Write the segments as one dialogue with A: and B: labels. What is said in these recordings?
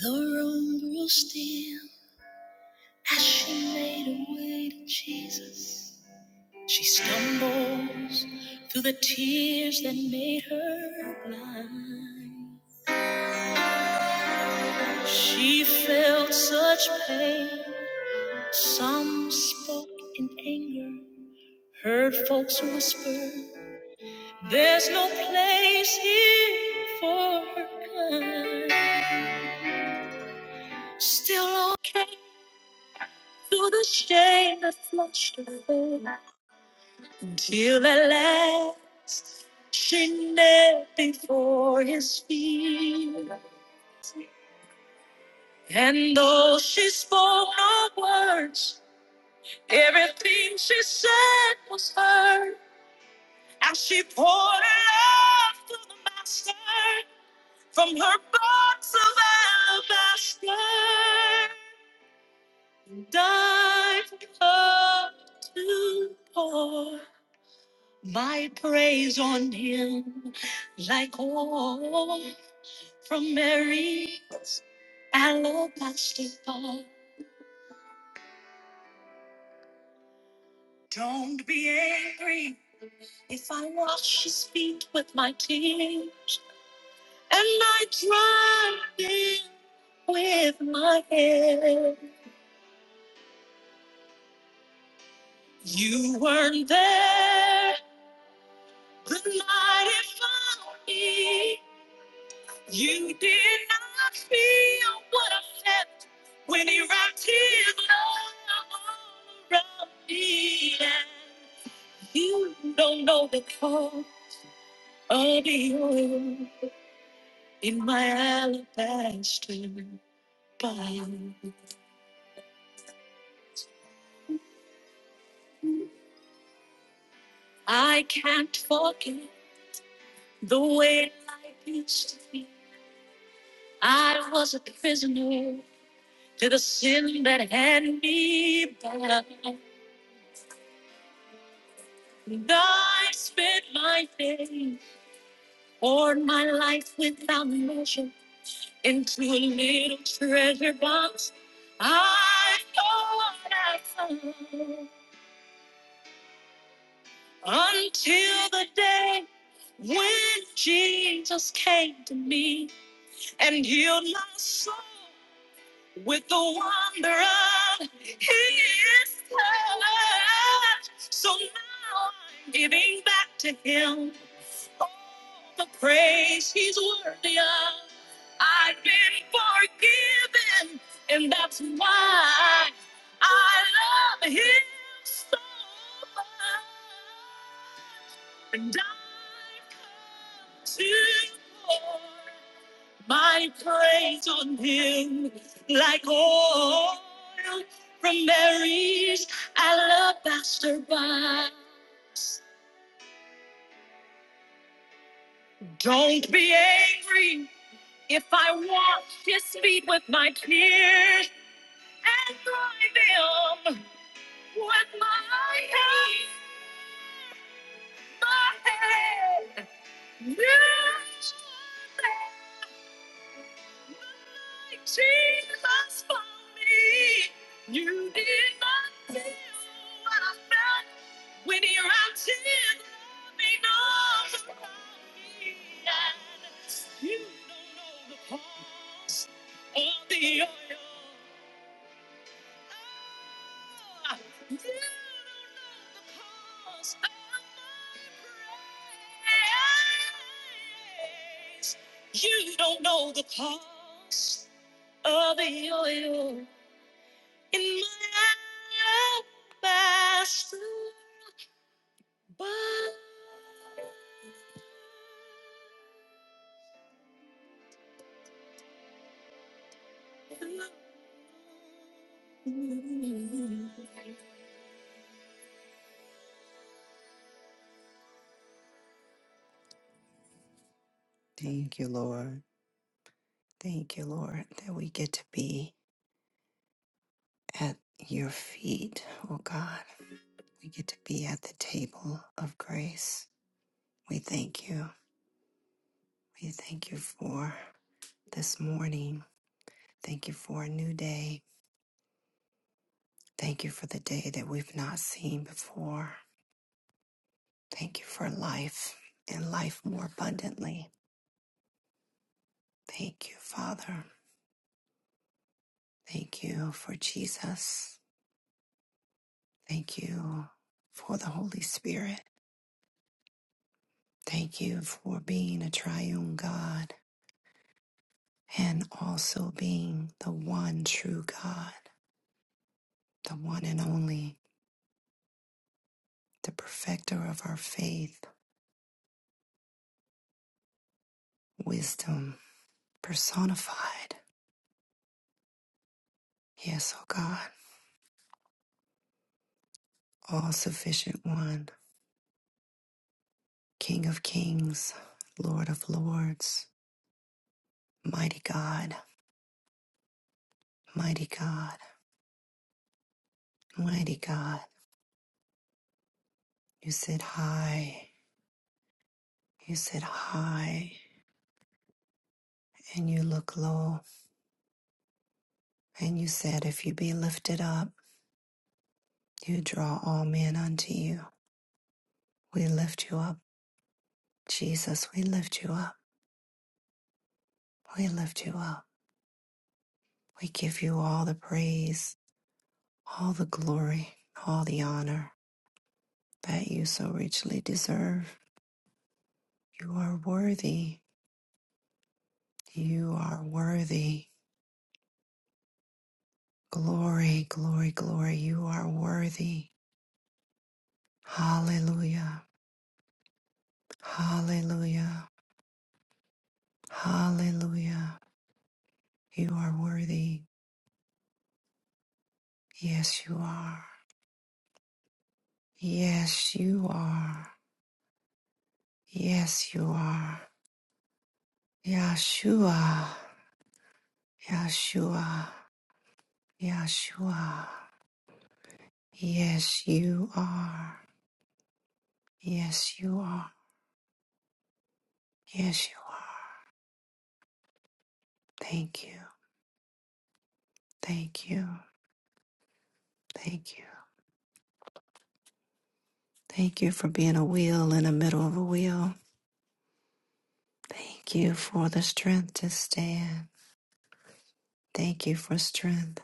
A: The room grew still as she made her way to Jesus. She stumbles through the tears that made her blind. She felt such pain. Some spoke in anger, heard folks whisper. There's no place here for her kind. Still okay through the shame that flushed her face Until at last she knelt before his feet. And though she spoke no words, everything she said was heard. As she poured her love to the master, from her box of alabaster, dive up to pour my praise on him like oil from Mary alabaster jar. Don't be angry if I wash his feet with my tears and I dry them with my hair. You weren't there The light it found me. You did not feel what I felt when he wrapped his love around me. And you don't know the cold of the oil in my alabaster bowl. I can't forget the way life used to be. I was a prisoner to the sin that had me bound. I spent my day, poured my life without measure into a little treasure box. I thought I found until the day when Jesus came to me and healed my soul with the wonder of His touch. So now I'm giving back to Him. the praise he's worthy of. I've been forgiven, and that's why I love him so much. And I come to pour my praise on him like oil from Mary's alabaster box. Don't be angry If I walk his feet with my tears and dry them with my head, my head, you should let my Jesus for me. You did not feel what I felt when your arms did loving arms around me. And you don't know the cost of the oil Ah, you don't know the cost of my praise. You don't know the cost of the oil in my alabaster box. Thank you, Lord. Thank you, Lord, that we get to be. at your feet, oh God. We get to be at the table of grace. We thank you. We thank you for this morning. Thank you for a new day. Thank you for the day that we've not seen before. Thank you for life and life more abundantly. Thank you, Father. Thank you for Jesus. Thank you for the Holy Spirit. Thank you for being a triune God. and also being the one true God, the one and only, the perfecter of our faith, wisdom, personified. Yes, O God, all sufficient one, King of kings, Lord of lords, mighty God, mighty God, mighty God. You sit high, you sit high, and you look low. And you said, If you be lifted up, you draw all men unto you. We lift you up. Jesus, we lift you up. We lift you up. We give you all the praise, all the glory, all the honor that you so richly deserve. You are worthy. You are worthy. Glory, glory, glory. You are worthy. Hallelujah. Hallelujah. Hallelujah. You are worthy. Yes, you are. Yes, you are. Yes, you are. Yeshua. Yeshua, Yeshua. Yes, you are. Yes, you are. Yes, you are. Thank you. Thank you. Thank you. Thank you for being a wheel in the middle of a wheel. Thank you for the strength to stand. Thank you for strength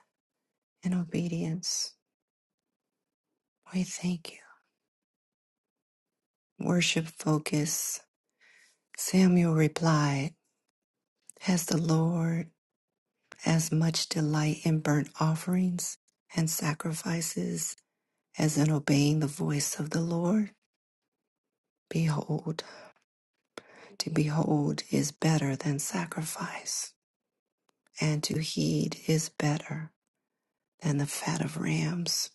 A: and obedience. We thank you. Worship focus. Samuel replied, Has the Lord as much delight in burnt offerings and sacrifices as in obeying the voice of the Lord. Behold, to behold is better than sacrifice, and to heed is better than the fat of rams.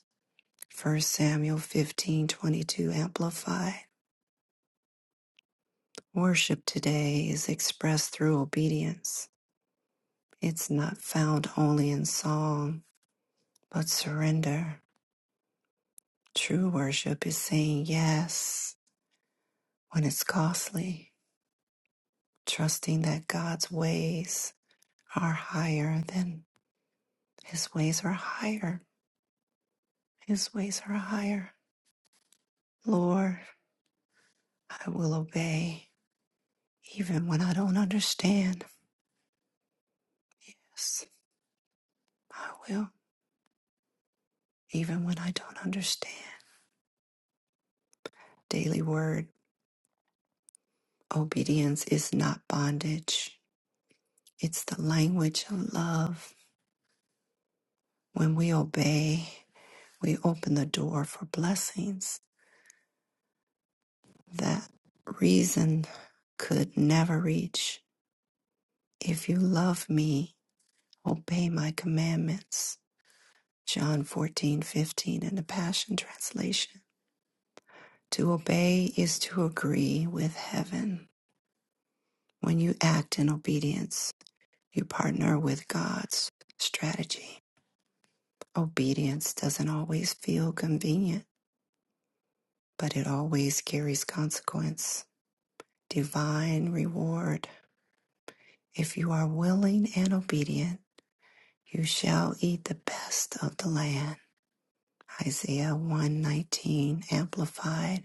A: First Samuel 15:22 amplified. Worship today is expressed through obedience. It's not found only in song, but surrender. True worship is saying yes when it's costly, trusting that God's ways are higher than His ways are higher. His ways are higher. Lord, I will obey even when I don't understand. Yes, I will, even when I don't understand. Daily word obedience is not bondage, it's the language of love. When we obey, we open the door for blessings that reason could never reach. If you love me, obey my commandments John 14 15 in the Passion Translation. To obey is to agree with heaven. When you act in obedience, you partner with God's strategy. Obedience doesn't always feel convenient, but it always carries consequence, divine reward. If you are willing and obedient, you shall eat the best of the land. Isaiah 119 Amplified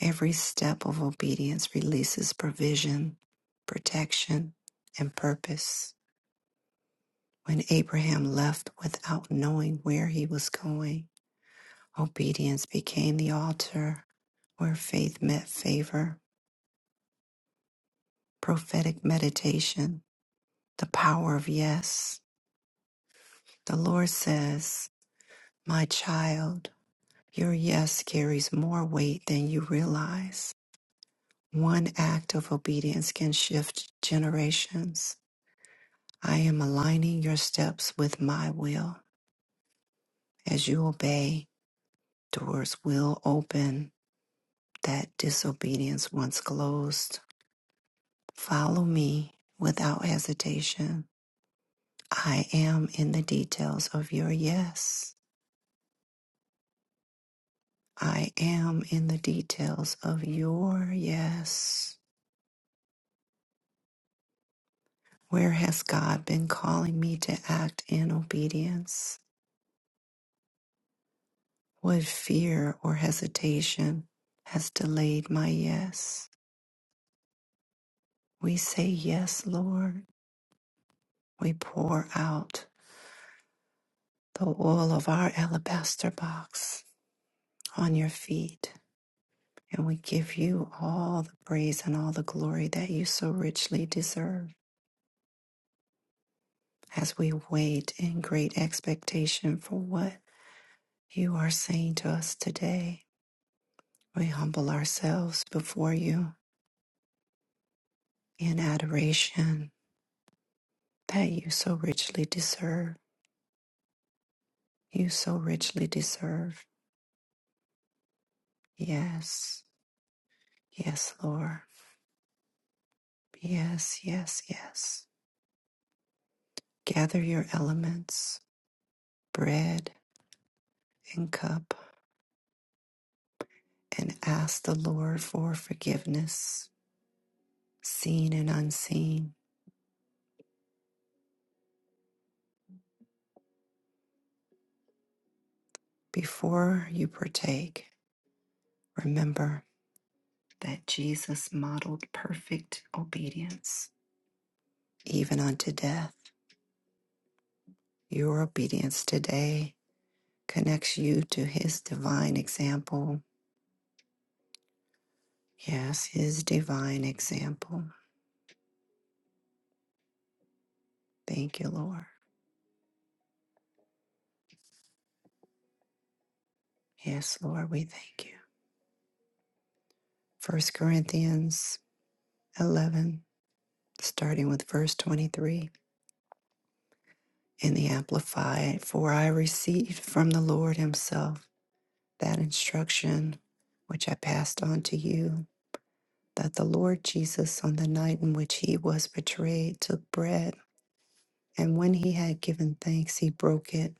A: Every step of obedience releases provision, protection, and purpose. When Abraham left without knowing where he was going, obedience became the altar where faith met favor. Prophetic meditation, the power of yes. The Lord says, My child, your yes carries more weight than you realize. One act of obedience can shift generations I am aligning your steps with my will. As you obey, doors will open that disobedience once closed. Follow me without hesitation. I am in the details of your yes. I am in the details of your yes. Where has God been calling me to act in obedience? What fear or hesitation has delayed my yes? We say, Yes, Lord. We pour out the oil of our alabaster box on your feet, and we give you all the praise and all the glory that you so richly deserve as we wait in great expectation for what you are saying to us today. We humble ourselves before you in adoration that you so richly deserve. You so richly deserve. Yes, yes, Lord. Yes, yes, yes. Gather your elements, bread and cup, and ask the Lord for forgiveness, seen and unseen. Before you partake, remember that Jesus modeled perfect obedience, even unto death. Your obedience today connects you to his divine example. Yes, his divine example. Thank you, Lord. Yes, Lord, we thank you. First Corinthians 11, starting with verse 23 in the Amplified. For I received from the Lord Himself that instruction which I passed on to you, that the Lord Jesus, on the night in which He was betrayed, took bread, and when He had given thanks, He broke it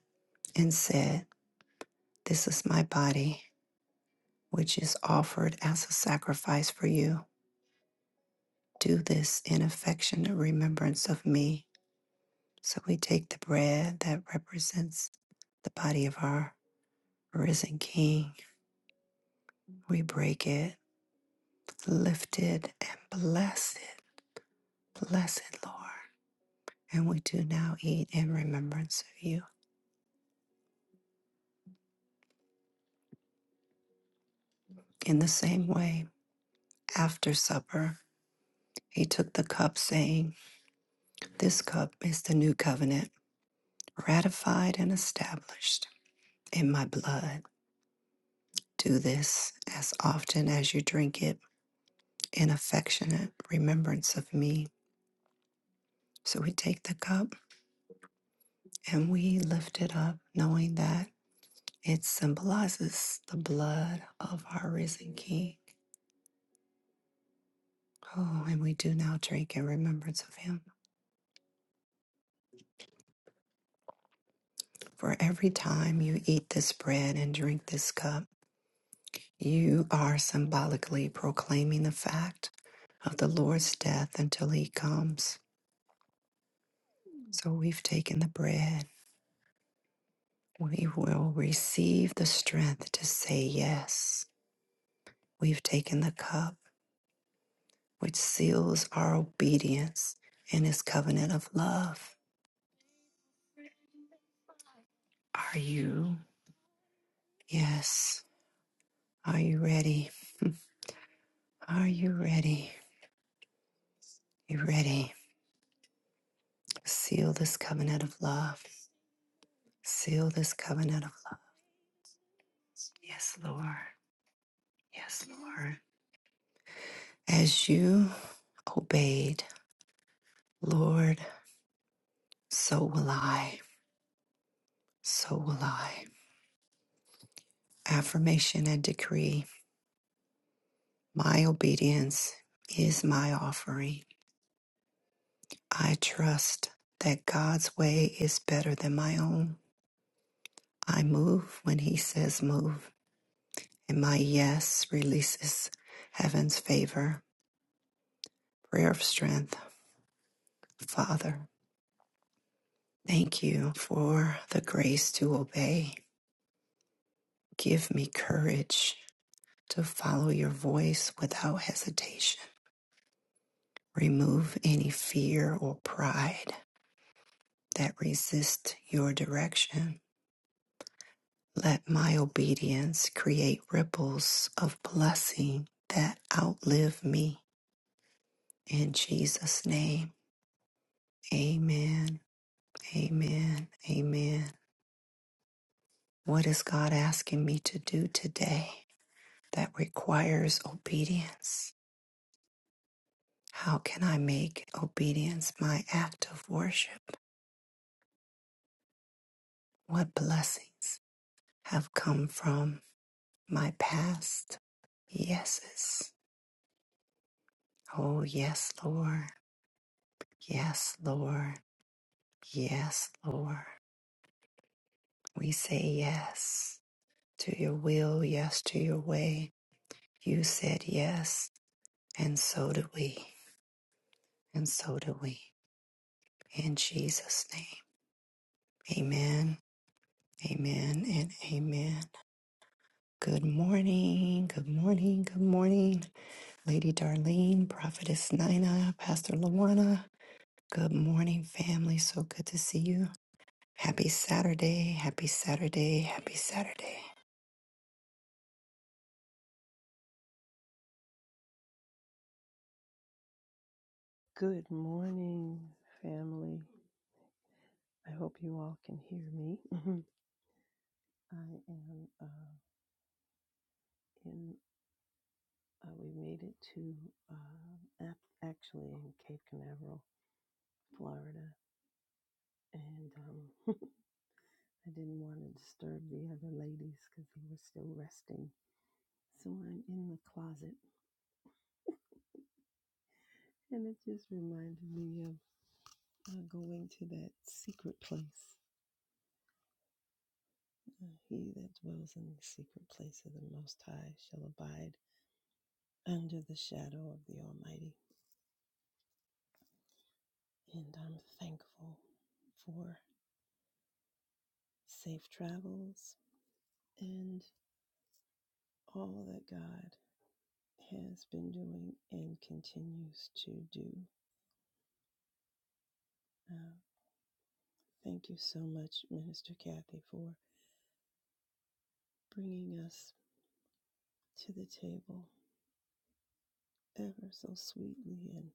A: and said, This is my body, which is offered as a sacrifice for you. Do this in affectionate remembrance of me. So we take the bread that represents the body of our risen King. We break it, lift it, and bless it. Bless it, Lord. And we do now eat in remembrance of you. In the same way, after supper, he took the cup, saying, This cup is the new covenant, ratified and established in my blood. Do this as often as you drink it in affectionate remembrance of me. So we take the cup And we lift it up knowing that it symbolizes the blood of our risen King. Oh, and we do now drink in remembrance of him. For every time you eat this bread and drink this cup, you are symbolically proclaiming the fact of the Lord's death until he comes. So we've taken the bread. We will receive the strength to say yes. We've taken the cup which seals our obedience in his covenant of love. Are you? Yes. Are you ready? Are you ready? You ready? Seal this covenant of love. Seal this covenant of love. Yes, Lord. Yes, Lord. As you obeyed, Lord, so will I. So will I. Affirmation and decree. My obedience is my offering. I trust that God's way is better than my own. I move when He says move, and my yes releases heaven's favor. Prayer of strength. Father, thank you for the grace to obey. Give me courage to follow your voice without hesitation. Remove any fear or pride that resist your direction Let my obedience create ripples of blessing that outlive me. In Jesus' name, amen, amen, amen. What is God asking me to do today that requires obedience? How can I make obedience my act of worship? What blessings have come from my past yeses? Oh, yes, Lord. Yes, Lord. Yes, Lord. We say yes to your will, yes to your way. You said yes, and so do we, and so do we. In Jesus' name, amen, amen, and amen. Good morning, good morning, good morning, Lady Darlene, Prophetess Nina, Pastor Lawana. Good morning, family. So good to see you. Happy Saturday, happy Saturday, happy Saturday.
B: Good morning, family. I hope you all can hear me. I am uh, in, uh, we made it to uh, ac- actually in Cape Canaveral, Florida. And um, I didn't want to disturb the other ladies because they were still resting. So I'm in the closet. And it just reminded me of uh, going to that secret place. Uh, he that dwells in the secret place of the Most High shall abide under the shadow of the Almighty. And I'm thankful for safe travels and all that God has been doing and continues to do. Uh, thank you so much, Minister Kathy, for bringing us to the table ever so sweetly and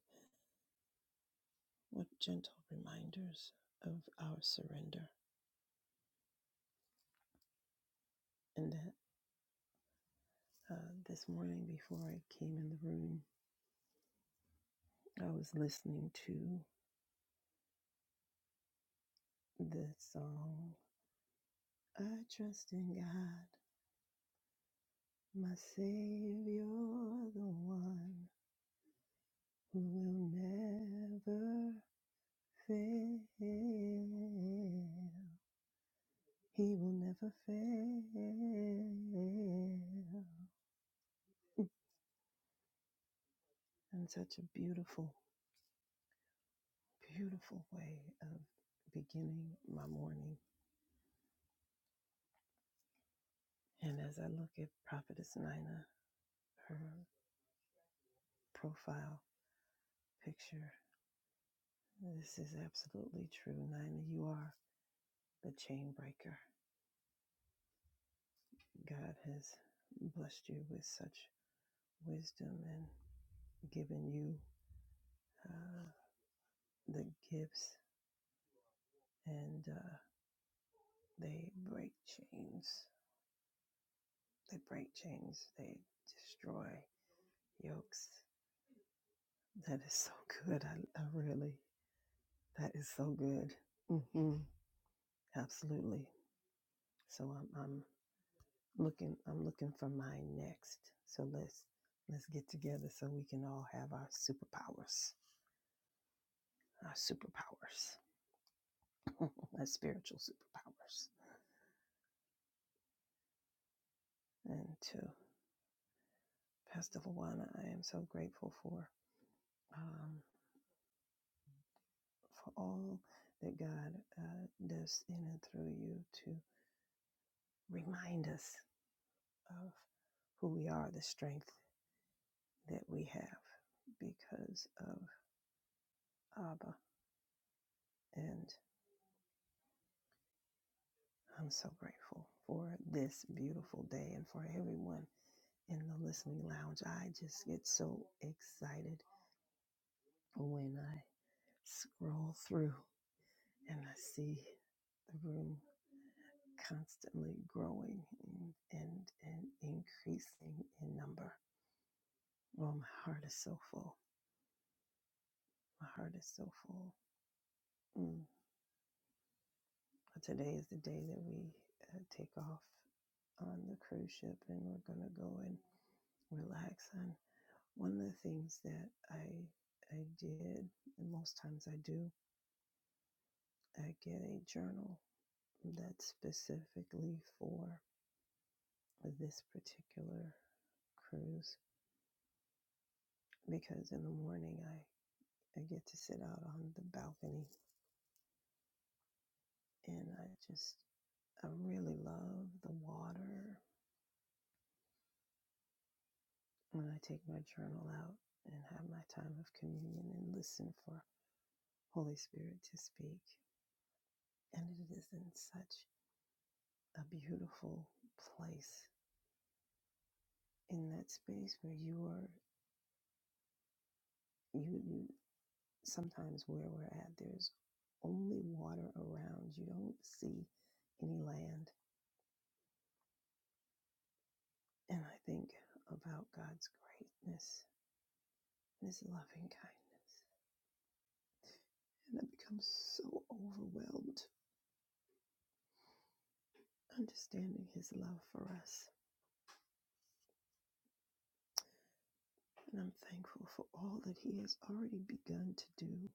B: what gentle reminders of our surrender. And that uh, this morning, before I came in the room, I was listening to the song I trust in God, my Savior, the one who will never fail. He will never fail. And such a beautiful, beautiful way of beginning my morning. And as I look at Prophetess Nina, her profile picture, this is absolutely true. Nina, you are the chain breaker. God has blessed you with such wisdom and given you uh, the gifts, and uh, they break chains. They break chains. They destroy yokes. That is so good. I, I really, that is so good. hmm Absolutely. So I'm, I'm looking. I'm looking for my next. So let's let's get together so we can all have our superpowers. Our superpowers. as spiritual superpowers. And to Pastor Luana, I am so grateful for um, for all that God uh, does in and through you to remind us of who we are, the strength that we have because of Abba. And I'm so grateful for this beautiful day and for everyone in the listening lounge. I just get so excited when I scroll through and I see the room constantly growing and, and, and increasing in number. Oh, my heart is so full. My heart is so full. Mm. Today is the day that we uh, take off on the cruise ship and we're going to go and relax. And one of the things that I, I did, and most times I do, I get a journal that's specifically for this particular cruise because in the morning I, I get to sit out on the balcony and I just, I really love the water when I take my journal out and have my time of communion and listen for Holy Spirit to speak. And it is in such a beautiful place in that space where you are, you, you sometimes where we're at, there's only water around. You don't see any land. And I think about God's greatness and his loving kindness. And I become so overwhelmed understanding his love for us. And I'm thankful for all that he has already begun to do,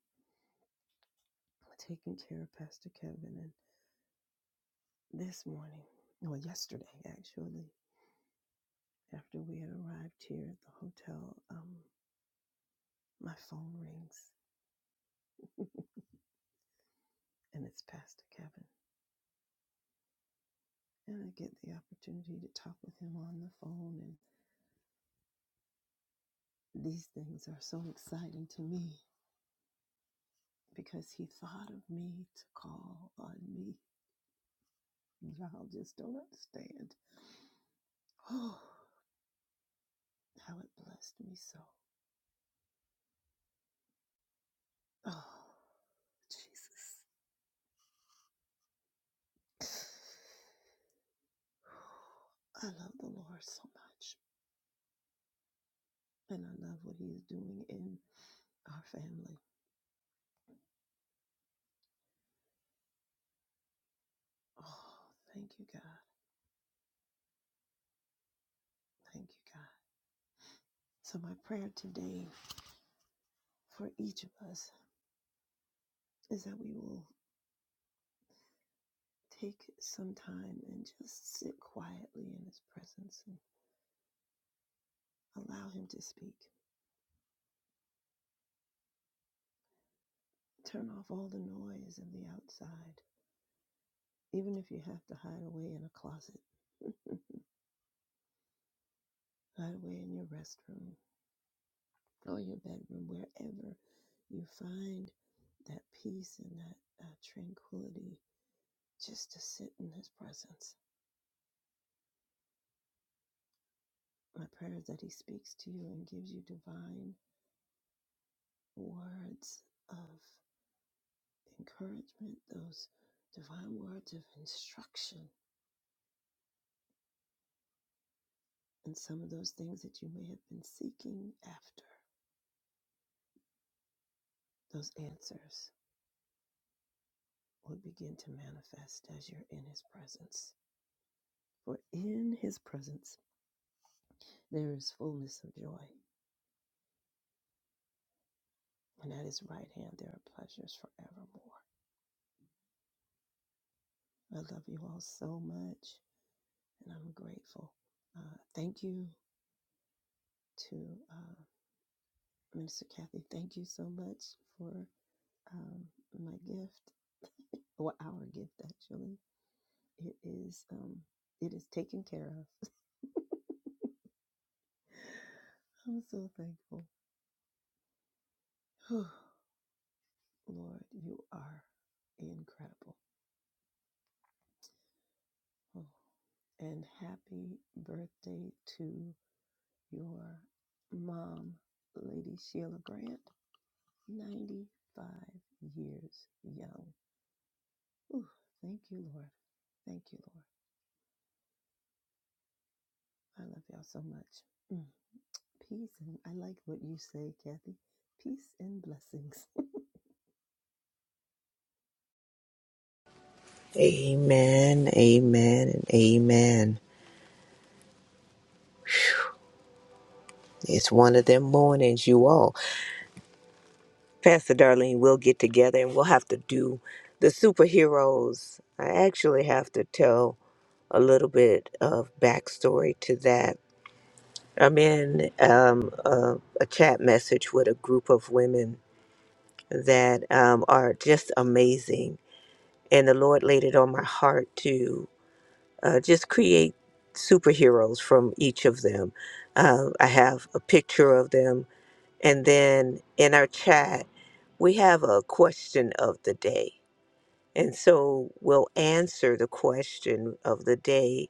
B: taking care of Pastor Kevin. And this morning, or yesterday actually, after we had arrived here at the hotel, um, my phone rings and it's Pastor Kevin. And I get the opportunity to talk with him on the phone. And these things are so exciting to me because he thought of me to call on me. Y'all just don't understand. Oh, how it blessed me so. Oh, Jesus. I love the Lord so much, and I love what He's doing in our family. Oh, thank you, God. Thank you, God. So, my prayer today for each of us is that we will take some time and just sit quietly in His presence and allow Him to speak. Turn off all the noise of the outside. Even if you have to hide away in a closet, hide away in your restroom or your bedroom, wherever you find that peace and that uh, tranquility just to sit in His presence. My prayer is that He speaks to you and gives you divine words of encouragement, those divine words of instruction, and some of those things that you may have been seeking after, those answers will begin to manifest as you're in His presence. For in His presence there is fullness of joy, and at His right hand there are pleasures forevermore. I love you all so much, and I'm grateful. Uh, thank you to uh, Minister Kathy. Thank you so much for um, my gift, or our gift actually. It is um, it is taken care of. I'm so thankful. Lord, you are incredible. Oh. And happy birthday to your mom, Lady Sheila Grant, 95 years young. Ooh, thank you, Lord. Thank you, Lord. I love y'all so much. Mm. Peace and I like what you say, Kathy. Peace and blessings.
C: Amen, amen, and amen. It's one of them mornings, you all. Pastor Darlene, we'll get together and we'll have to do the superheroes. I actually have to tell a little bit of backstory to that. I'm in um, a, a chat message with a group of women that um, are just amazing. And the Lord laid it on my heart too. uh, just create superheroes from each of them. Uh, I have a picture of them. And then in our chat, we have a question of the day. And so we'll answer the question of the day.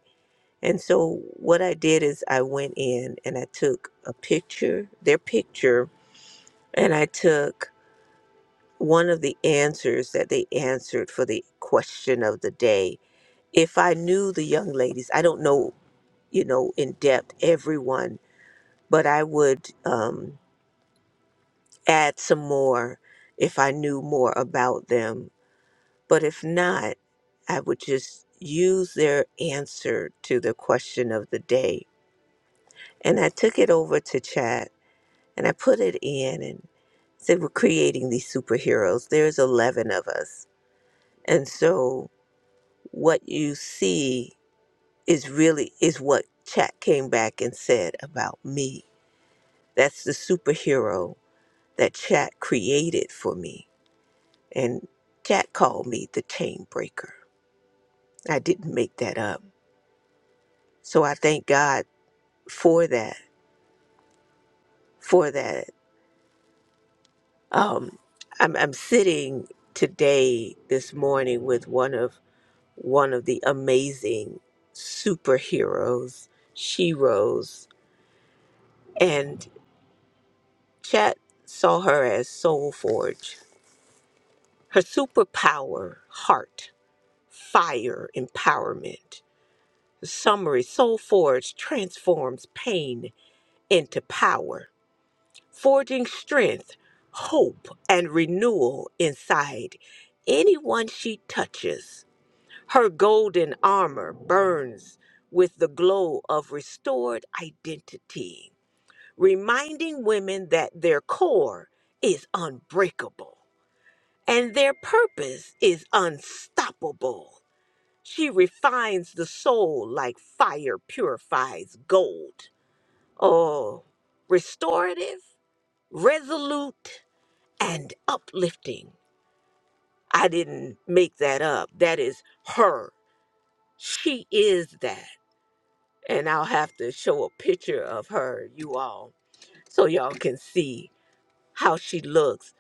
C: And so what I did is I went in and I took a picture, their picture, and I took one of the answers that they answered for the question of the day if I knew the young ladies, I don't know you know, in depth, everyone. But I would um, add some more if I knew more about them. But if not, I would just use their answer to the question of the day. And I took it over to chat and I put it in and said, We're creating these superheroes. There's 11 of us. And so what you see is really is what chat came back and said about me. That's the superhero that Chat created for me. And Chat called me the chain breaker. I didn't make that up. So I thank God for that. For that. Um, I'm, I'm sitting today, this morning, with one of one of the amazing superheroes, sheroes, and Chat saw her as Soul Forge. Her superpower, heart, fire, empowerment. Summary Soul Forge transforms pain into power, forging strength, hope, and renewal inside anyone she touches. Her golden armor burns with the glow of restored identity, reminding women that their core is unbreakable and their purpose is unstoppable. She refines the soul like fire purifies gold. Oh, restorative, resolute, and uplifting. I didn't make that up. That is her. She is that. And I'll have to show a picture of her, you all, so y'all can see how she looks.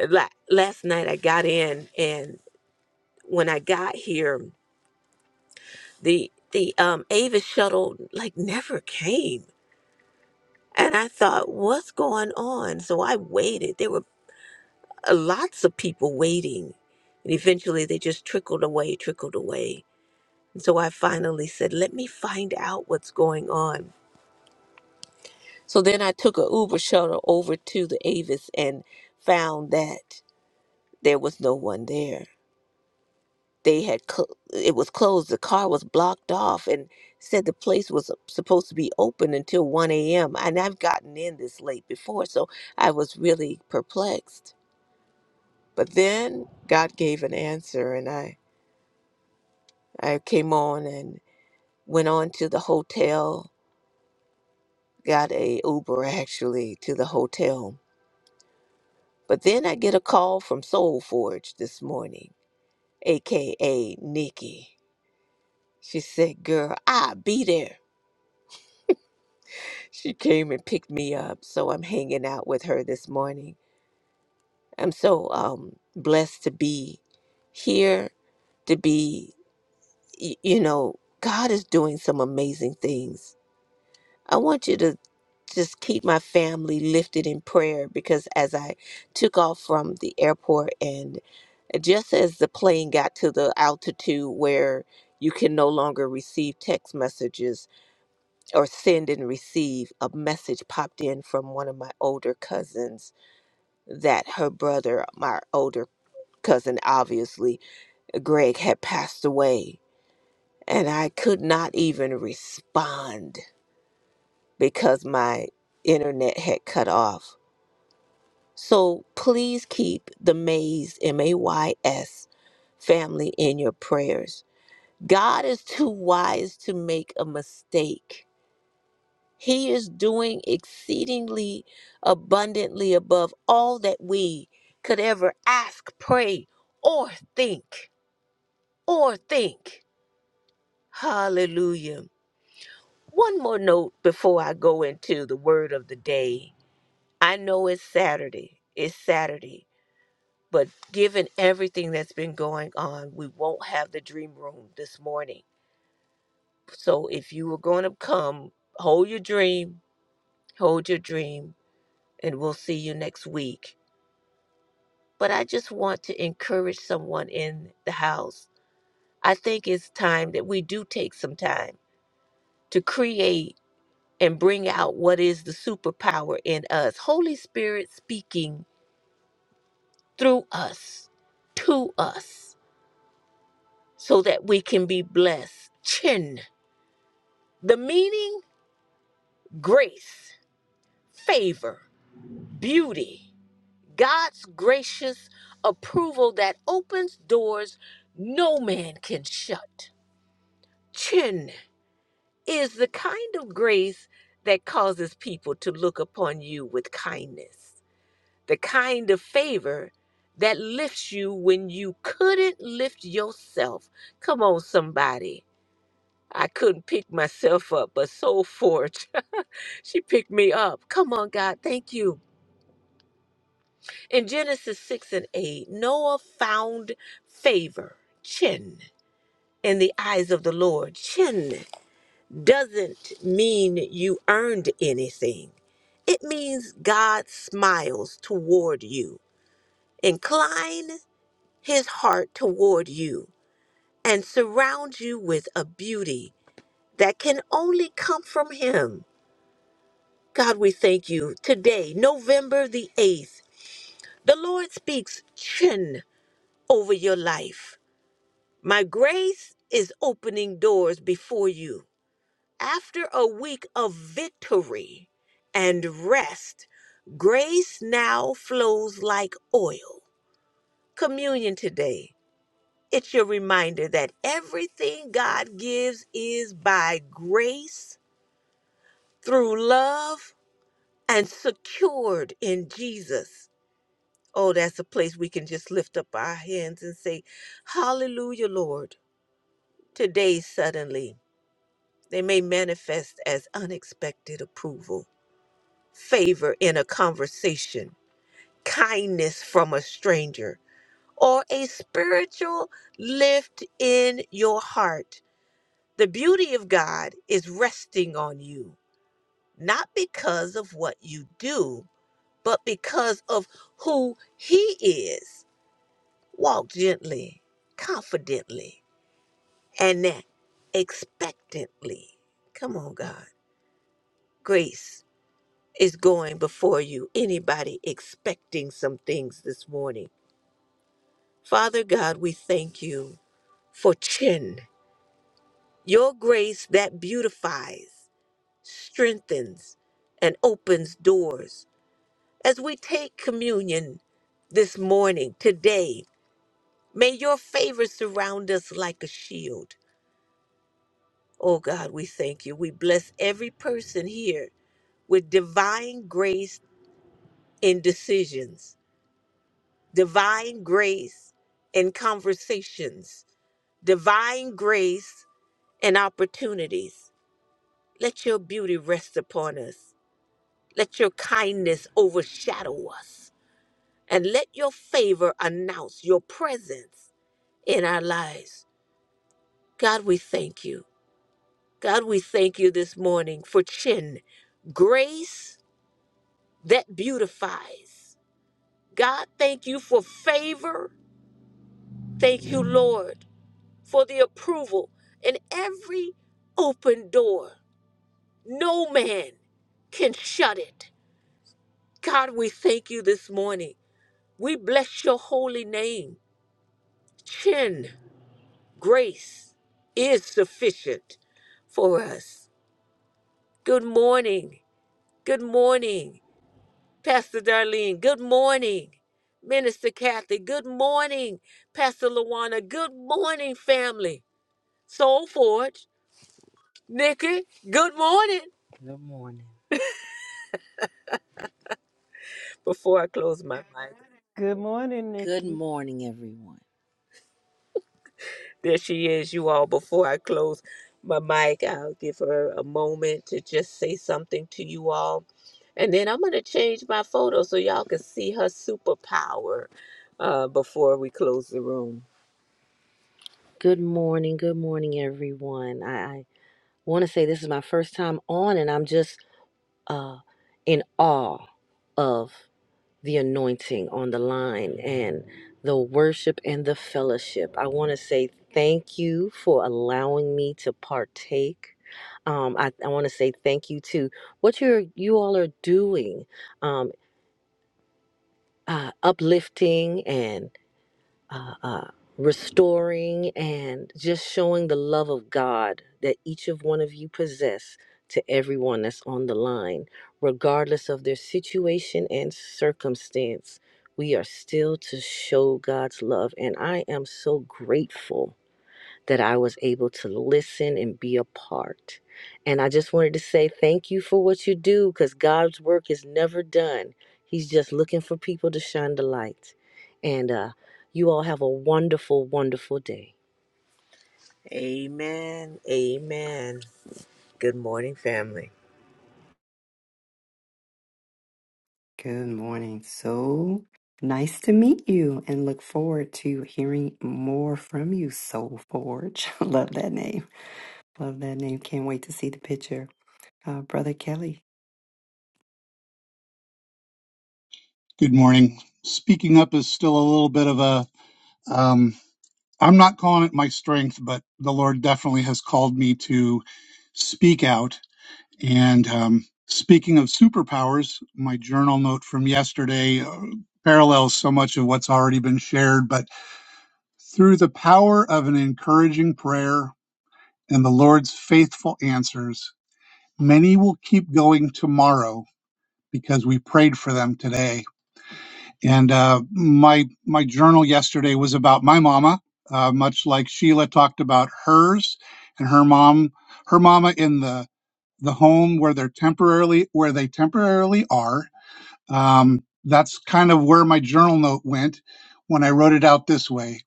C: Uh, La- Last night I got in, and when I got here, the the um Avis shuttle like never came And I thought, what's going on? So I waited. There were uh, lots of people waiting. And eventually they just trickled away, trickled away. And so I finally said, let me find out what's going on. So then I took a Uber shuttle over to the Avis and found that there was no one there. They had, cl- it was closed. The car was blocked off and said the place was supposed to be open until 1 a.m. And I've gotten in this late before, so I was really perplexed. But then God gave an answer, and I, I came on and went on to the hotel, got a Uber actually to the hotel. But then I get a call from Soul Forge this morning, aka Nikki. She said, Girl, I'll be there. She came and picked me up, so I'm hanging out with her this morning. I'm so um, blessed to be here, to be, y- you know, God is doing some amazing things I want you to just keep my family lifted in prayer because as I took off from the airport and just as the plane got to the altitude where you can no longer receive text messages or send and receive, a message popped in from one of my older cousins that her brother, my older cousin, obviously, Greg, had passed away. And I could not even respond because my internet had cut off. So please keep the Mays, M A Y S, family in your prayers. God is too wise to make a mistake. He is doing exceedingly abundantly above all that we could ever ask, pray, or think, or think. Hallelujah. One more note before I go into the word of the day. I know it's Saturday. It's Saturday. But given everything that's been going on, we won't have the dream room this morning. So if you were going to come, hold your dream, hold your dream, and we'll see you next week. But I just want to encourage someone in the house. I think it's time that we do take some time to create and bring out what is the superpower in us. Holy Spirit speaking through us, to us. so that we can be blessed. Chin, the meaning grace, favor, beauty, God's gracious approval that opens doors no man can shut. Chin is the kind of grace that causes people to look upon you with kindness, the kind of favor that lifts you when you couldn't lift yourself. Come on, somebody. I couldn't pick myself up, but Soul Forge, she picked me up. Come on, God, thank you. In Genesis 6 and 8, Noah found favor, chin, in the eyes of the Lord. Chin doesn't mean you earned anything, it means God smiles toward you. Incline his heart toward you and surround you with a beauty that can only come from him. God, we thank you. Today, November the 8th, the Lord speaks chin over your life. My grace is opening doors before you. After a week of victory and rest, grace now flows like oil. Communion today, it's your reminder that everything God gives is by grace, through love, and secured in Jesus. Oh, that's a place we can just lift up our hands and say, Hallelujah, Lord. Today, suddenly, they may manifest as unexpected approval, favor in a conversation, kindness from a stranger, or a spiritual lift in your heart. The beauty of God is resting on you, not because of what you do, but because of who He is. Walk gently, confidently, and that expectantly. Come on, God. Grace is going before you. Anybody expecting some things this morning? Father God, we thank you for chin, your grace that beautifies, strengthens, and opens doors. As we take communion this morning, today, may your favor surround us like a shield. Oh God, we thank you. We bless every person here with divine grace in decisions, divine grace in conversations, divine grace in opportunities. Let your beauty rest upon us. Let your kindness overshadow us. And let your favor announce your presence in our lives. God, we thank you. God, we thank you this morning for chin, grace that beautifies. God, thank you for favor. Thank you, Lord, for the approval in every open door. No man can shut it. God, we thank you this morning. We bless your holy name. Chin, grace is sufficient for us. Good morning. Good morning. Pastor Darlene, good morning. Minister Kathy, good morning. Pastor Lawana, good morning, family. Soul Forge, Nikki, good morning. Good morning. Before I close my mic,
B: Good morning,
C: Good
B: Nikki.
C: morning, everyone. there she is, you all. Before I close my mic, I'll give her a moment to just say something to you all. And then I'm going to change my photo so y'all can see her superpower uh, before we close the room. Good morning. Good morning, everyone. I, I want to say this is my first time on, and I'm just uh, in awe of the anointing on the line and the worship and the fellowship. I want to say thank you for allowing me to partake. Um, I, I want to say thank you to what you're you all are doing, um, uh, uplifting and uh, uh, restoring and just showing the love of God that each of one of you possess to everyone that's on the line, regardless of their situation and circumstance. We are still to show God's love, and I am so grateful that I was able to listen and be a part. And I just wanted to say thank you for what you do because God's work is never done. He's just looking for people to shine the light. And uh, you all have a wonderful, wonderful day. Amen. Amen. Good morning, family.
A: Good morning. So nice to meet you and look forward to hearing more from you, Soul Forge. Love that name. Love that name. Can't wait to see the picture. Uh, Brother Kelly.
D: Good morning. Speaking up is still a little bit of a, um, I'm not calling it my strength, but the Lord definitely has called me to speak out. And um, speaking of superpowers, my journal note from yesterday uh, parallels so much of what's already been shared, but through the power of an encouraging prayer and the Lord's faithful answers, many will keep going tomorrow because we prayed for them today And uh, my my journal yesterday was about my mama, uh, much like Sheila talked about hers and her mom, her mama in the the home where they're temporarily where they temporarily are. Um, that's kind of where my journal note went when I wrote it out this way.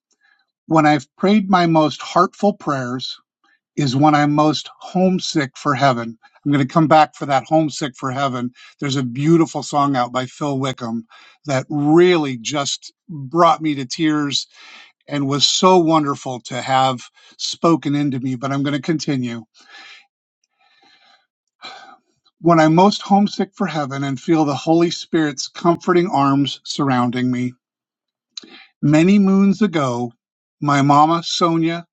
D: When I've prayed my most heartful prayers is when I'm most homesick for heaven. I'm going to come back for that homesick for heaven. There's a beautiful song out by Phil Wickham that really just brought me to tears and was so wonderful to have spoken into me. But I'm going to continue. When I'm most homesick for heaven and feel the Holy Spirit's comforting arms surrounding me. Many moons ago, my mama, Sonia,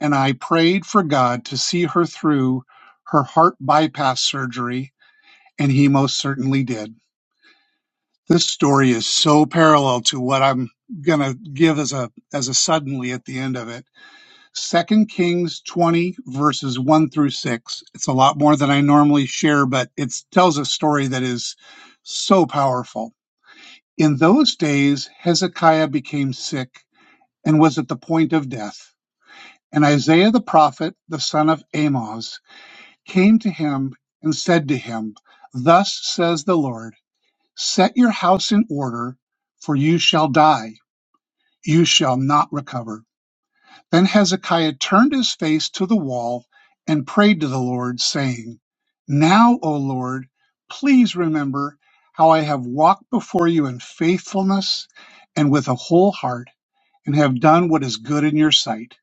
D: and I prayed for God to see her through her heart bypass surgery And he most certainly did. This story is so parallel to what I'm going to give as a as a suddenly at the end of it. Second Kings 20 verses 1 through 6. It's a lot more than I normally share, but it tells a story that is so powerful. In those days Hezekiah became sick and was at the point of death. And Isaiah the prophet, the son of Amoz, came to him and said to him, Thus says the Lord Set your house in order, for you shall die. You shall not recover. Then Hezekiah turned his face to the wall and prayed to the Lord, saying, Now, O Lord, please remember how I have walked before you in faithfulness and with a whole heart, and have done what is good in your sight.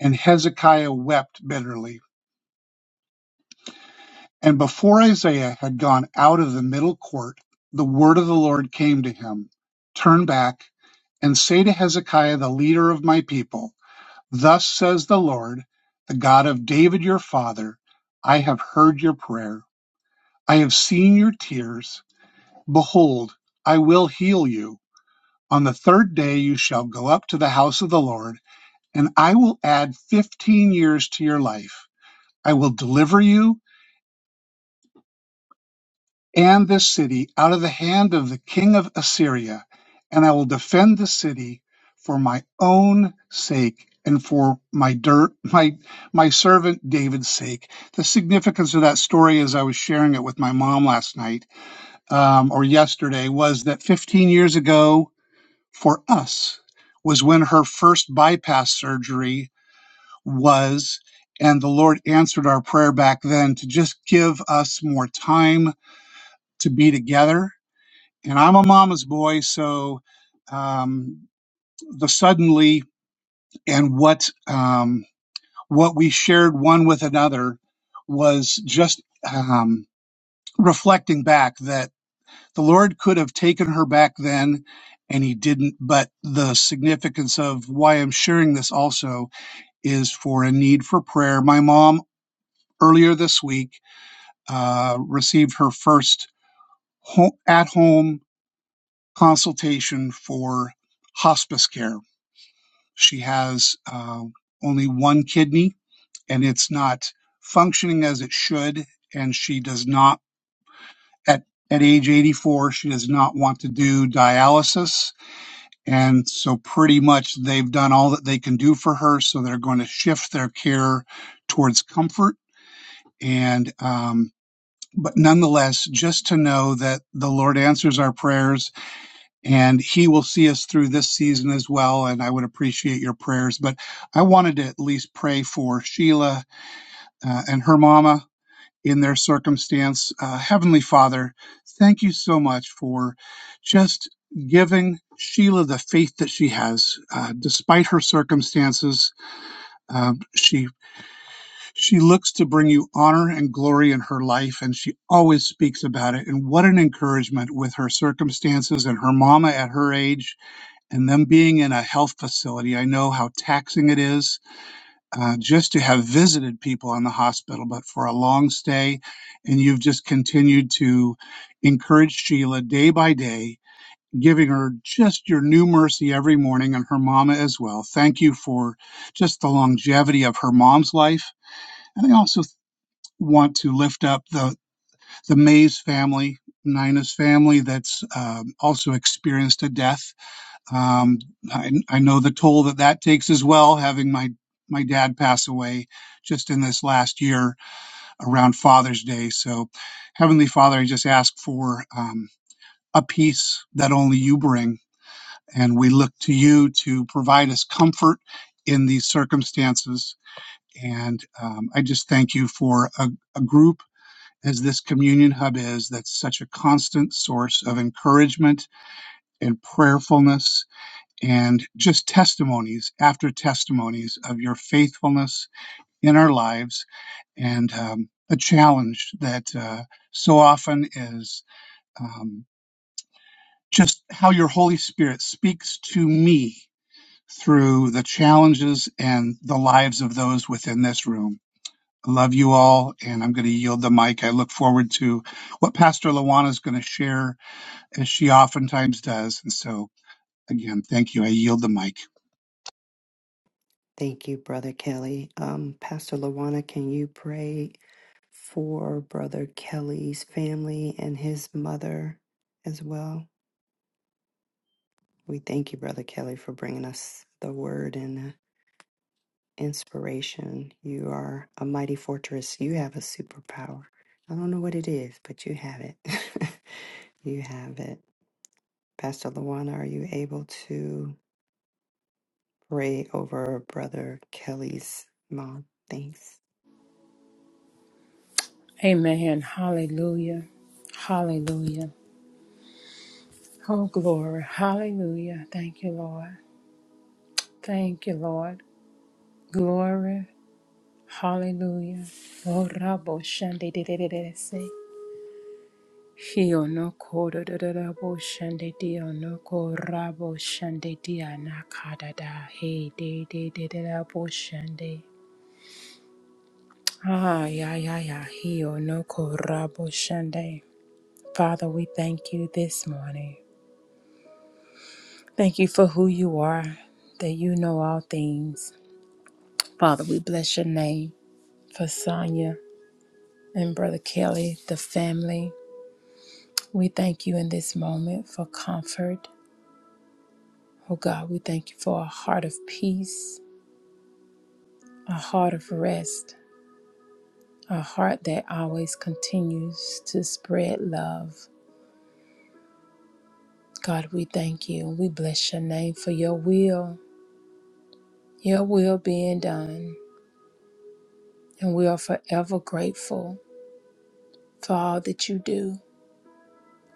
D: And Hezekiah wept bitterly. And before Isaiah had gone out of the middle court, the word of the Lord came to him Turn back and say to Hezekiah, the leader of my people, Thus says the Lord, the God of David your father, I have heard your prayer. I have seen your tears. Behold, I will heal you. On the third day you shall go up to the house of the Lord, and I will add fifteen years to your life. I will deliver you and this city out of the hand of the king of Assyria, and I will defend the city for my own sake and for my dirt, my my servant David's sake. The significance of that story, as I was sharing it with my mom last night um, or yesterday, was that 15 years ago for us was when her first bypass surgery was. And the Lord answered our prayer back then to just give us more time to be together and I'm a mama's boy, so um, the suddenly and what um, what we shared one with another was just um, reflecting back that the Lord could have taken her back then, and He didn't. But the significance of why I'm sharing this also is for a need for prayer. My mom earlier this week uh, received her first ho at home consultation for hospice care She has uh, only one kidney and it's not functioning as it should. And she does not, at, at age 84, she does not want to do dialysis. And so pretty much they've done all that they can do for her. So they're going to shift their care towards comfort. And, um, but nonetheless, just to know that the Lord answers our prayers and he will see us through this season as well. And I would appreciate your prayers. But I wanted to at least pray for Sheila uh, and her mama in their circumstance. Uh, Heavenly Father, thank you so much for just giving Sheila the faith that she has, uh, despite her circumstances. Um, she she looks to bring you honor and glory in her life, and she always speaks about it. And what an encouragement with her circumstances and her mama at her age and them being in a health facility, I know how taxing it is uh, just to have visited people in the hospital, but for a long stay. And you've just continued to encourage Sheila day by day, giving her just your new mercy every morning and her mama as well. Thank you for just the longevity of her mom's life. And I also want to lift up the, the Mays family, Nina's family, that's um, also experienced a death um, I, I know the toll that that takes as well, having my, my dad pass away just in this last year around Father's Day. So, Heavenly Father, I just ask for um, a peace that only you bring. And we look to you to provide us comfort in these circumstances. And um, I just thank you for a, a group as this communion hub is that's such a constant source of encouragement and prayerfulness and just testimonies after testimonies of your faithfulness in our lives and um, a challenge that uh, so often is um, just how your Holy Spirit speaks to me through the challenges and the lives of those within this room. I love you all, and I'm going to yield the mic. I look forward to what Pastor Luana is going to share, as she oftentimes does. And so, again, thank you. I yield the mic.
A: Thank you, Brother Kelly. Um, Pastor Lawana, can you pray for Brother Kelly's family and his mother as well? We thank you, Brother Kelly, for bringing us the word. and. uh, inspiration. You are a mighty fortress. You have a superpower. I don't know what it is, but you have it. you have it. Pastor Luana, are you able to pray over Brother Kelly's mom? Thanks.
E: Amen. Hallelujah. Hallelujah. Oh, glory. Hallelujah. Thank you, Lord. Thank you, Lord. Glory. Hallelujah. Oh, rabo shande de de de de se. Hio no ko do do do rabo shande dio no ko rabo shande dia na ka da da he de de de de rabo shande. Ah, yeah, yeah, yeah. Hio no ko rabo shande. Father, we thank you this morning. Thank you for who you are, that you know all things. Father, we bless your name for Sonia and Brother Kelly, the family. We thank you in this moment for comfort. Oh God, we thank you for a heart of peace, a heart of rest, a heart that always continues to spread love. God, we thank you. We bless your name for your will, your will being done. And we are forever grateful for all that you do.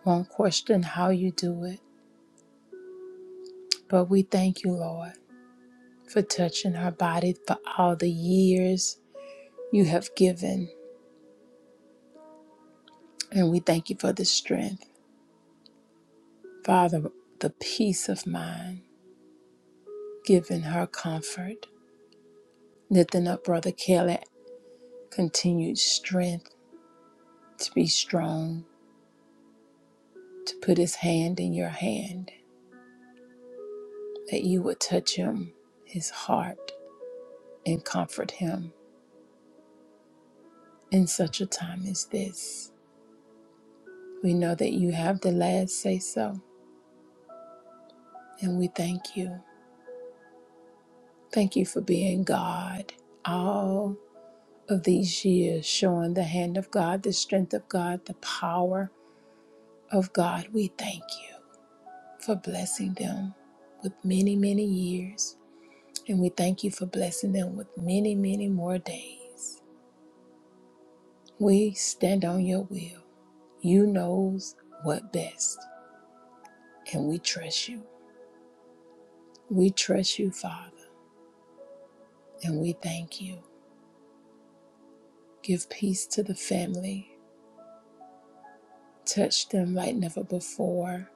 E: Won't question how you do it, but we thank you, Lord, for touching her body for all the years you have given. And we thank you for the strength, Father, the peace of mind, giving her comfort. Lifting up Brother Kelly, continued strength to be strong, to put his hand in your hand, that you would touch him, his heart, and comfort him in such a time as this. We know that you have the last say so. And we thank you. Thank you for being God all of these years, showing the hand of God, the strength of God, the power of God. We thank you for blessing them with many, many years. And we thank you for blessing them with many, many more days. We stand on your will. You knows what best. And we trust you. We trust you, Father. And we thank you. Give peace to the family Touch them like never before.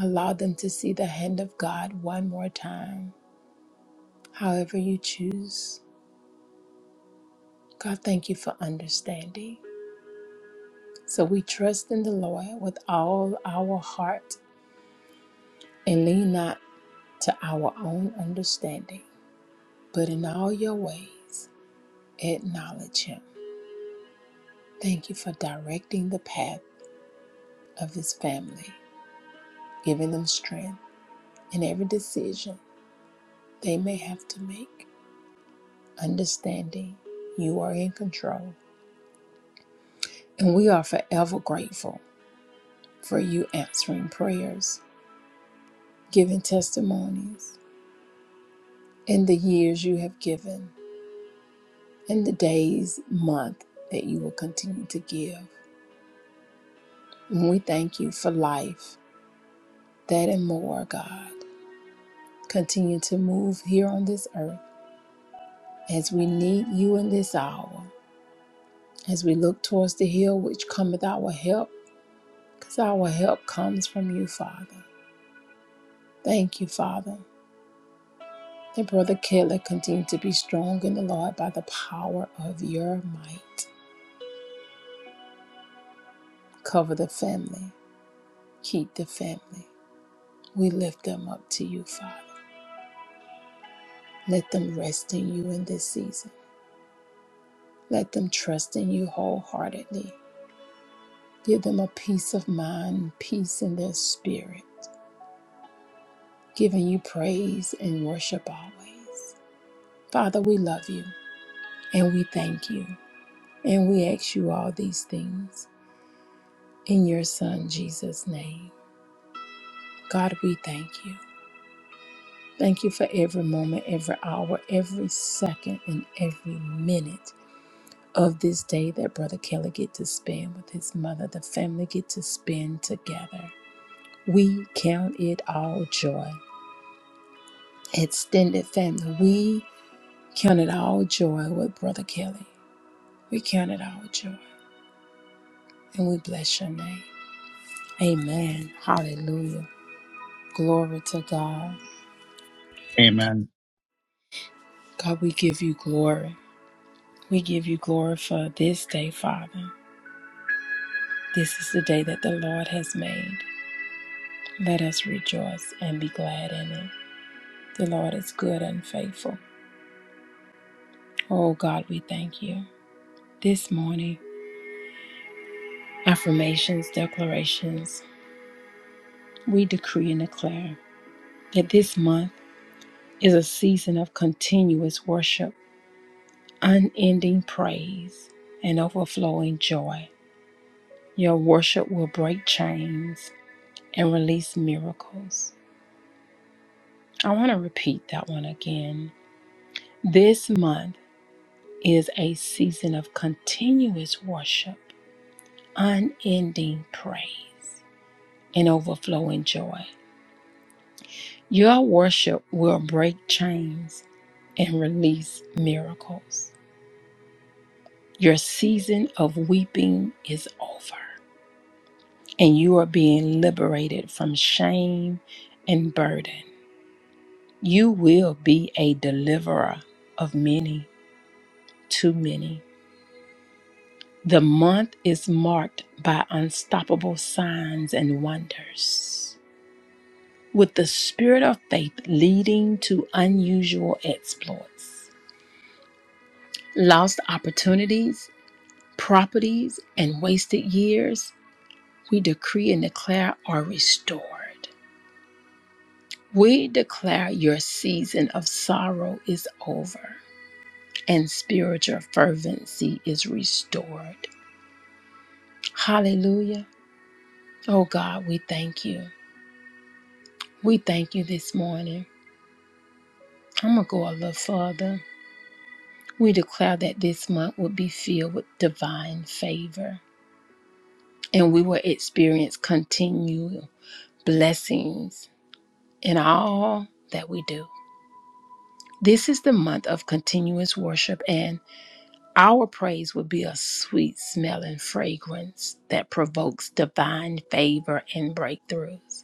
E: Allow them to see the hand of God one more time, however you choose. God, thank you for understanding. So we trust in the Lord with all our heart and lean not to our own understanding, but in all your ways acknowledge Him. Thank you for directing the path of His family, giving them strength in every decision they may have to make. understanding you are in control. And we are forever grateful for you answering prayers, giving testimonies, and the years you have given, and the days, month that you will continue to give. And we thank you for life, that and more, God. Continue to move here on this earth as we need you in this hour, as we look towards the hill which cometh our help, because our help comes from you, Father. Thank you, Father And Brother Caleb, continue to be strong in the Lord by the power of your might. Cover the family. Keep the family. We lift them up to you, Father. Let them rest in you in this season. Let them trust in you wholeheartedly. Give them a peace of mind, peace in their spirit, giving you praise and worship always. Father, we love you and we thank you and we ask you all these things in your Son, Jesus' name. God, we thank you. Thank you for every moment, every hour, every second, and every minute of this day that Brother Kelly get to spend with his mother. The family get to spend together. We count it all joy. Extended family, we count it all joy with Brother Kelly. We count it all joy. And we bless your name. Amen. Hallelujah. Glory to God.
D: Amen.
E: God, we give you glory. We give you glory for this day, Father. This is the day that the Lord has made. Let us rejoice and be glad in it. The Lord is good and faithful. Oh God, we thank you. This morning, affirmations, declarations, we decree and declare that this month is a season of continuous worship, unending praise, and overflowing joy. Your worship will break chains and release miracles. I want to repeat that one again. This month, is a season of continuous worship, unending praise, and overflowing joy. Your worship will break chains and release miracles. Your season of weeping is over, and you are being liberated from shame and burden. You will be a deliverer of many, too many. The month is marked by unstoppable signs and wonders. with the spirit of faith leading to unusual exploits. Lost opportunities, properties, and wasted years, we decree and declare are restored. We declare your season of sorrow is over and spiritual fervency is restored. Hallelujah. Oh God, we thank you. We thank you this morning. I'm going to go a little further. We declare that this month will be filled with divine favor and we will experience continual blessings in all that we do. This is the month of continuous worship, and our praise will be a sweet smelling fragrance that provokes divine favor and breakthroughs.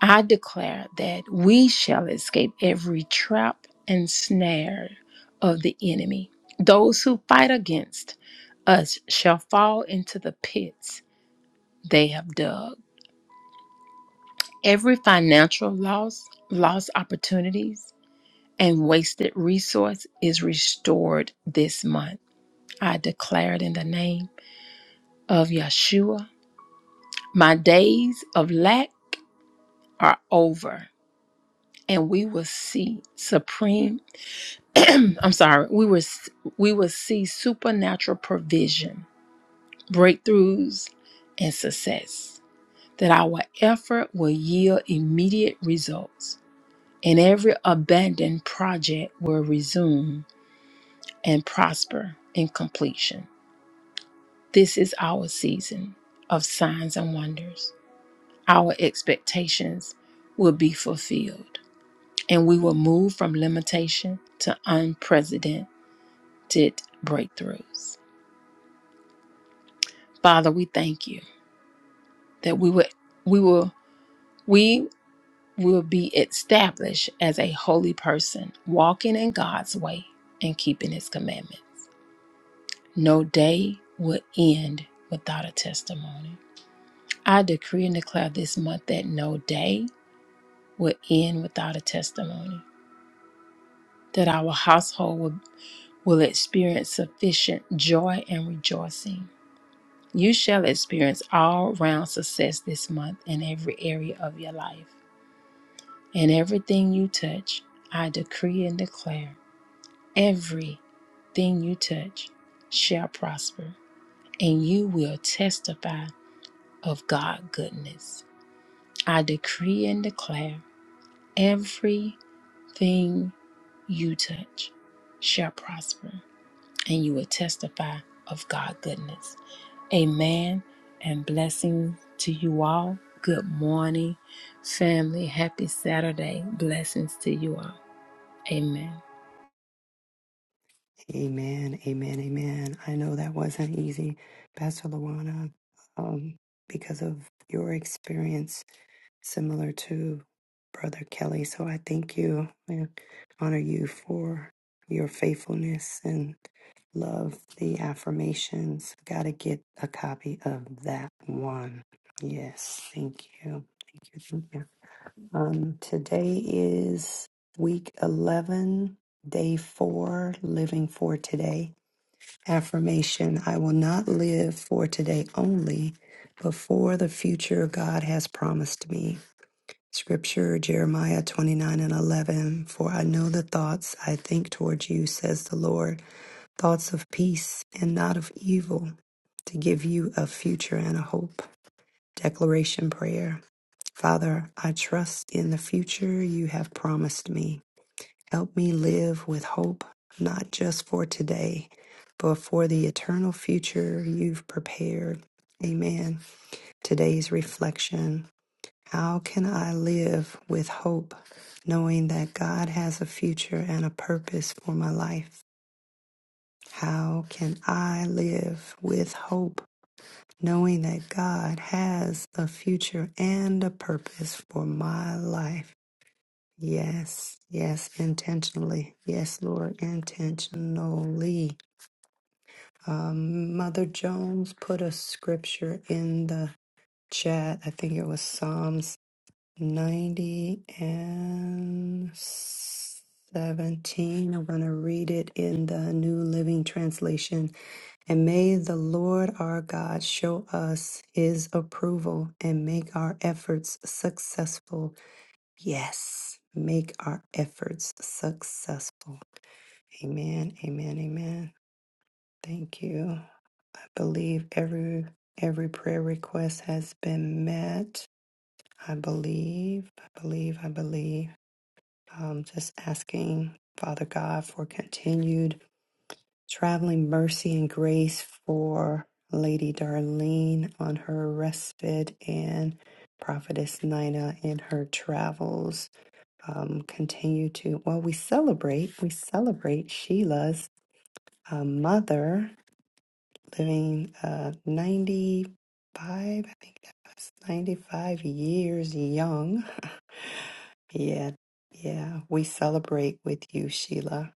E: I declare that we shall escape every trap and snare of the enemy. Those who fight against us shall fall into the pits they have dug. Every financial loss, lost opportunities, and wasted resource is restored this month. I declare it in the name of Yeshua. My days of lack are over, and we will see supreme I'm sorry, we will we will see supernatural provision, breakthroughs, and success. That our effort will yield immediate results, and every abandoned project will resume and prosper in completion. This is our season of signs and wonders. Our expectations will be fulfilled, and we will move from limitation to unprecedented breakthroughs. Father, we thank you that we would we will we will be established as a holy person, walking in God's way and keeping his commandment. No day will end without a testimony. I decree and declare this month that no day will end without a testimony, that our household will, will experience sufficient joy and rejoicing. You shall experience all round success this month in every area of your life. and everything you touch, I decree and declare, everything you touch shall prosper, and you will testify of God goodness. I decree and declare, everything you touch shall prosper, and you will testify of God goodness. Amen and blessing to you all. Good morning, family. Happy Saturday. Blessings to you all. Amen.
A: Amen. Amen. Amen. I know that wasn't easy, Pastor Luana, um, because of your experience similar to Brother Kelly. So I thank you and honor you for your faithfulness and love the affirmations. Gotta get a copy of that one. Yes, thank you. Thank you. Thank you. Um, today is week 11, day four, living for today. Affirmation I will not live for today only, but for the future God has promised me. Scripture, Jeremiah 29 and 11. For I know the thoughts I think towards you, says the Lord, thoughts of peace and not of evil, to give you a future and a hope. Declaration prayer. Father, I trust in the future you have promised me. Help me live with hope, not just for today, but for the eternal future you've prepared. Amen. Today's reflection how can I live with hope, knowing that God has a future and a purpose for my life? How can I live with hope, knowing that God has a future and a purpose for my life? Yes, yes, intentionally. Yes, Lord, intentionally. Um, Mother Jones put a scripture in the chat. I think it was Psalms. 90 and 17. I'm going to read it in the New Living Translation. And may the Lord our God show us his approval and make our efforts successful. Yes, make our efforts successful. Amen, amen, amen. Thank you. I believe every every prayer request has been met. I believe, I believe, I believe. Um, just asking Father God for continued traveling mercy and grace for Lady Darlene on her respite and Prophetess Nina in her travels. Um, continue to, well, we celebrate, we celebrate Sheila's uh, mother living uh, 95, I think that was 95 years young. Yeah, yeah. We celebrate with you, Sheila,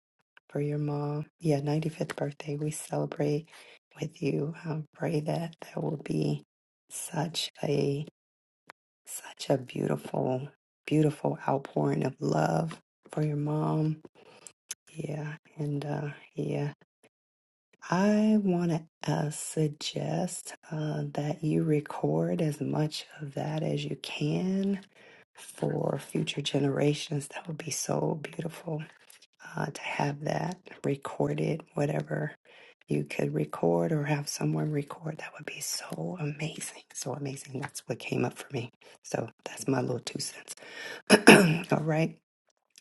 A: for your mom. Yeah, 95th birthday. We celebrate with you. I pray that that will be such a such a beautiful, beautiful outpouring of love for your mom. Yeah, and uh, yeah, I want to uh, suggest uh, that you record as much of that as you can for future generations. That would be so beautiful uh, to have that recorded, whatever you could record or have someone record. That would be so amazing. So amazing. That's what came up for me. So that's my little two cents. All right.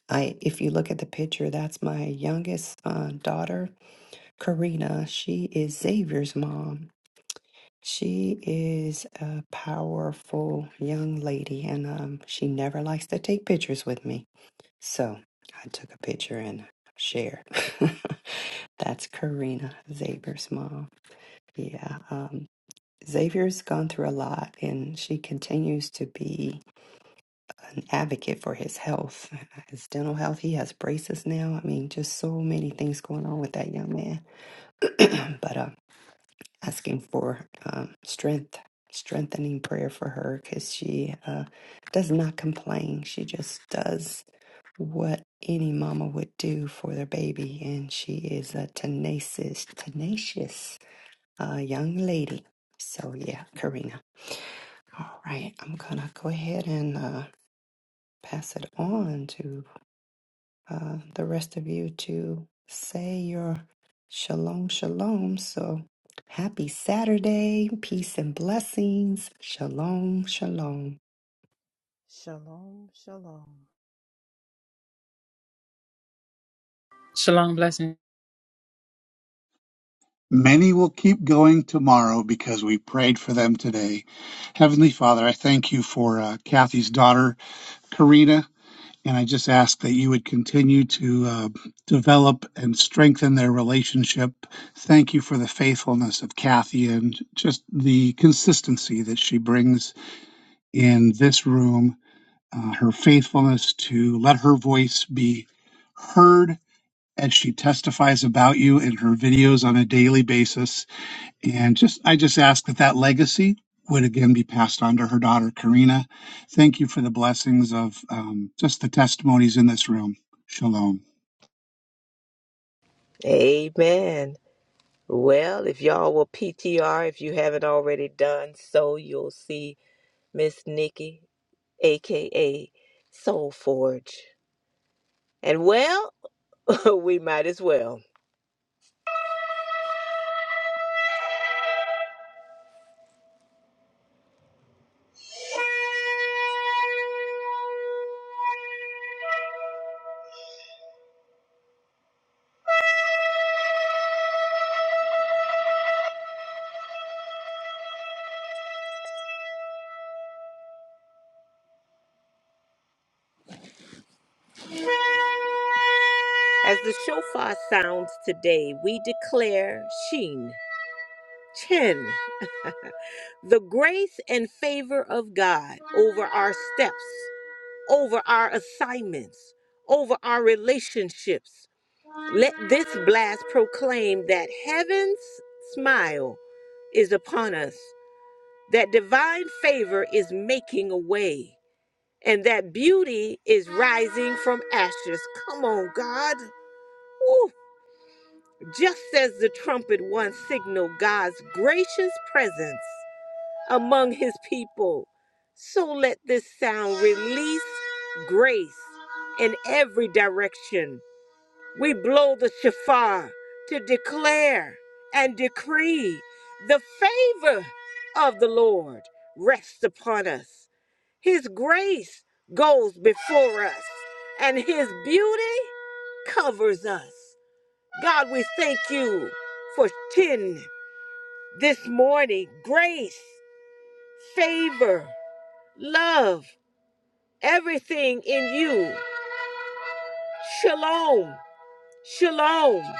A: I, if you look at the picture, that's my youngest uh, daughter, Karina. She is Xavier's mom. She is a powerful young lady, and um, she never likes to take pictures with me. So I took a picture and shared. That's Karina, Xavier's mom. Yeah. Um, Xavier's gone through a lot and she continues to be an advocate for his health, his dental health. He has braces now. I mean, just so many things going on with that young man. but uh, asking for um, strength, strengthening prayer for her because she uh, does not complain. She just does. what any mama would do for their baby, and she is a tenacious, tenacious uh, young lady. So yeah, Karina. All right, I'm gonna go ahead and uh, pass it on to uh, the rest of you to say your shalom, shalom. So happy Saturday, peace and blessings. Shalom, shalom.
B: Shalom, shalom.
E: Shalom blessings.
D: Many will keep going tomorrow because we prayed for them today. Heavenly Father, I thank you for uh, Kathy's daughter, Karina, and I just ask that you would continue to uh, develop and strengthen their relationship. Thank you for the faithfulness of Kathy and just the consistency that she brings in this room, uh, her faithfulness to let her voice be heard as she testifies about you in her videos on a daily basis and just I just ask that that legacy would again be passed on to her daughter Karina. Thank you for the blessings of um, just the testimonies in this room. Shalom.
C: Amen. Well, if y'all will PTR, if you haven't already done so, you'll see Miss Nikki, aka Soul Forge. And well, we might as well. As the shofar sounds today, we declare Sheen, Chin, the grace and favor of God over our steps, over our assignments, over our relationships. Let this blast proclaim that heaven's smile is upon us, that divine favor is making a way, and that beauty is rising from ashes. Come on, God. Woo. Just as the trumpet once signaled God's gracious presence among his people, so let this sound release grace in every direction. We blow the shofar to declare and decree the favor of the Lord rests upon us. His grace goes before us, and his beauty covers us. God, we thank you for 10 this morning. Grace, favor, love, everything in you. Shalom. Shalom.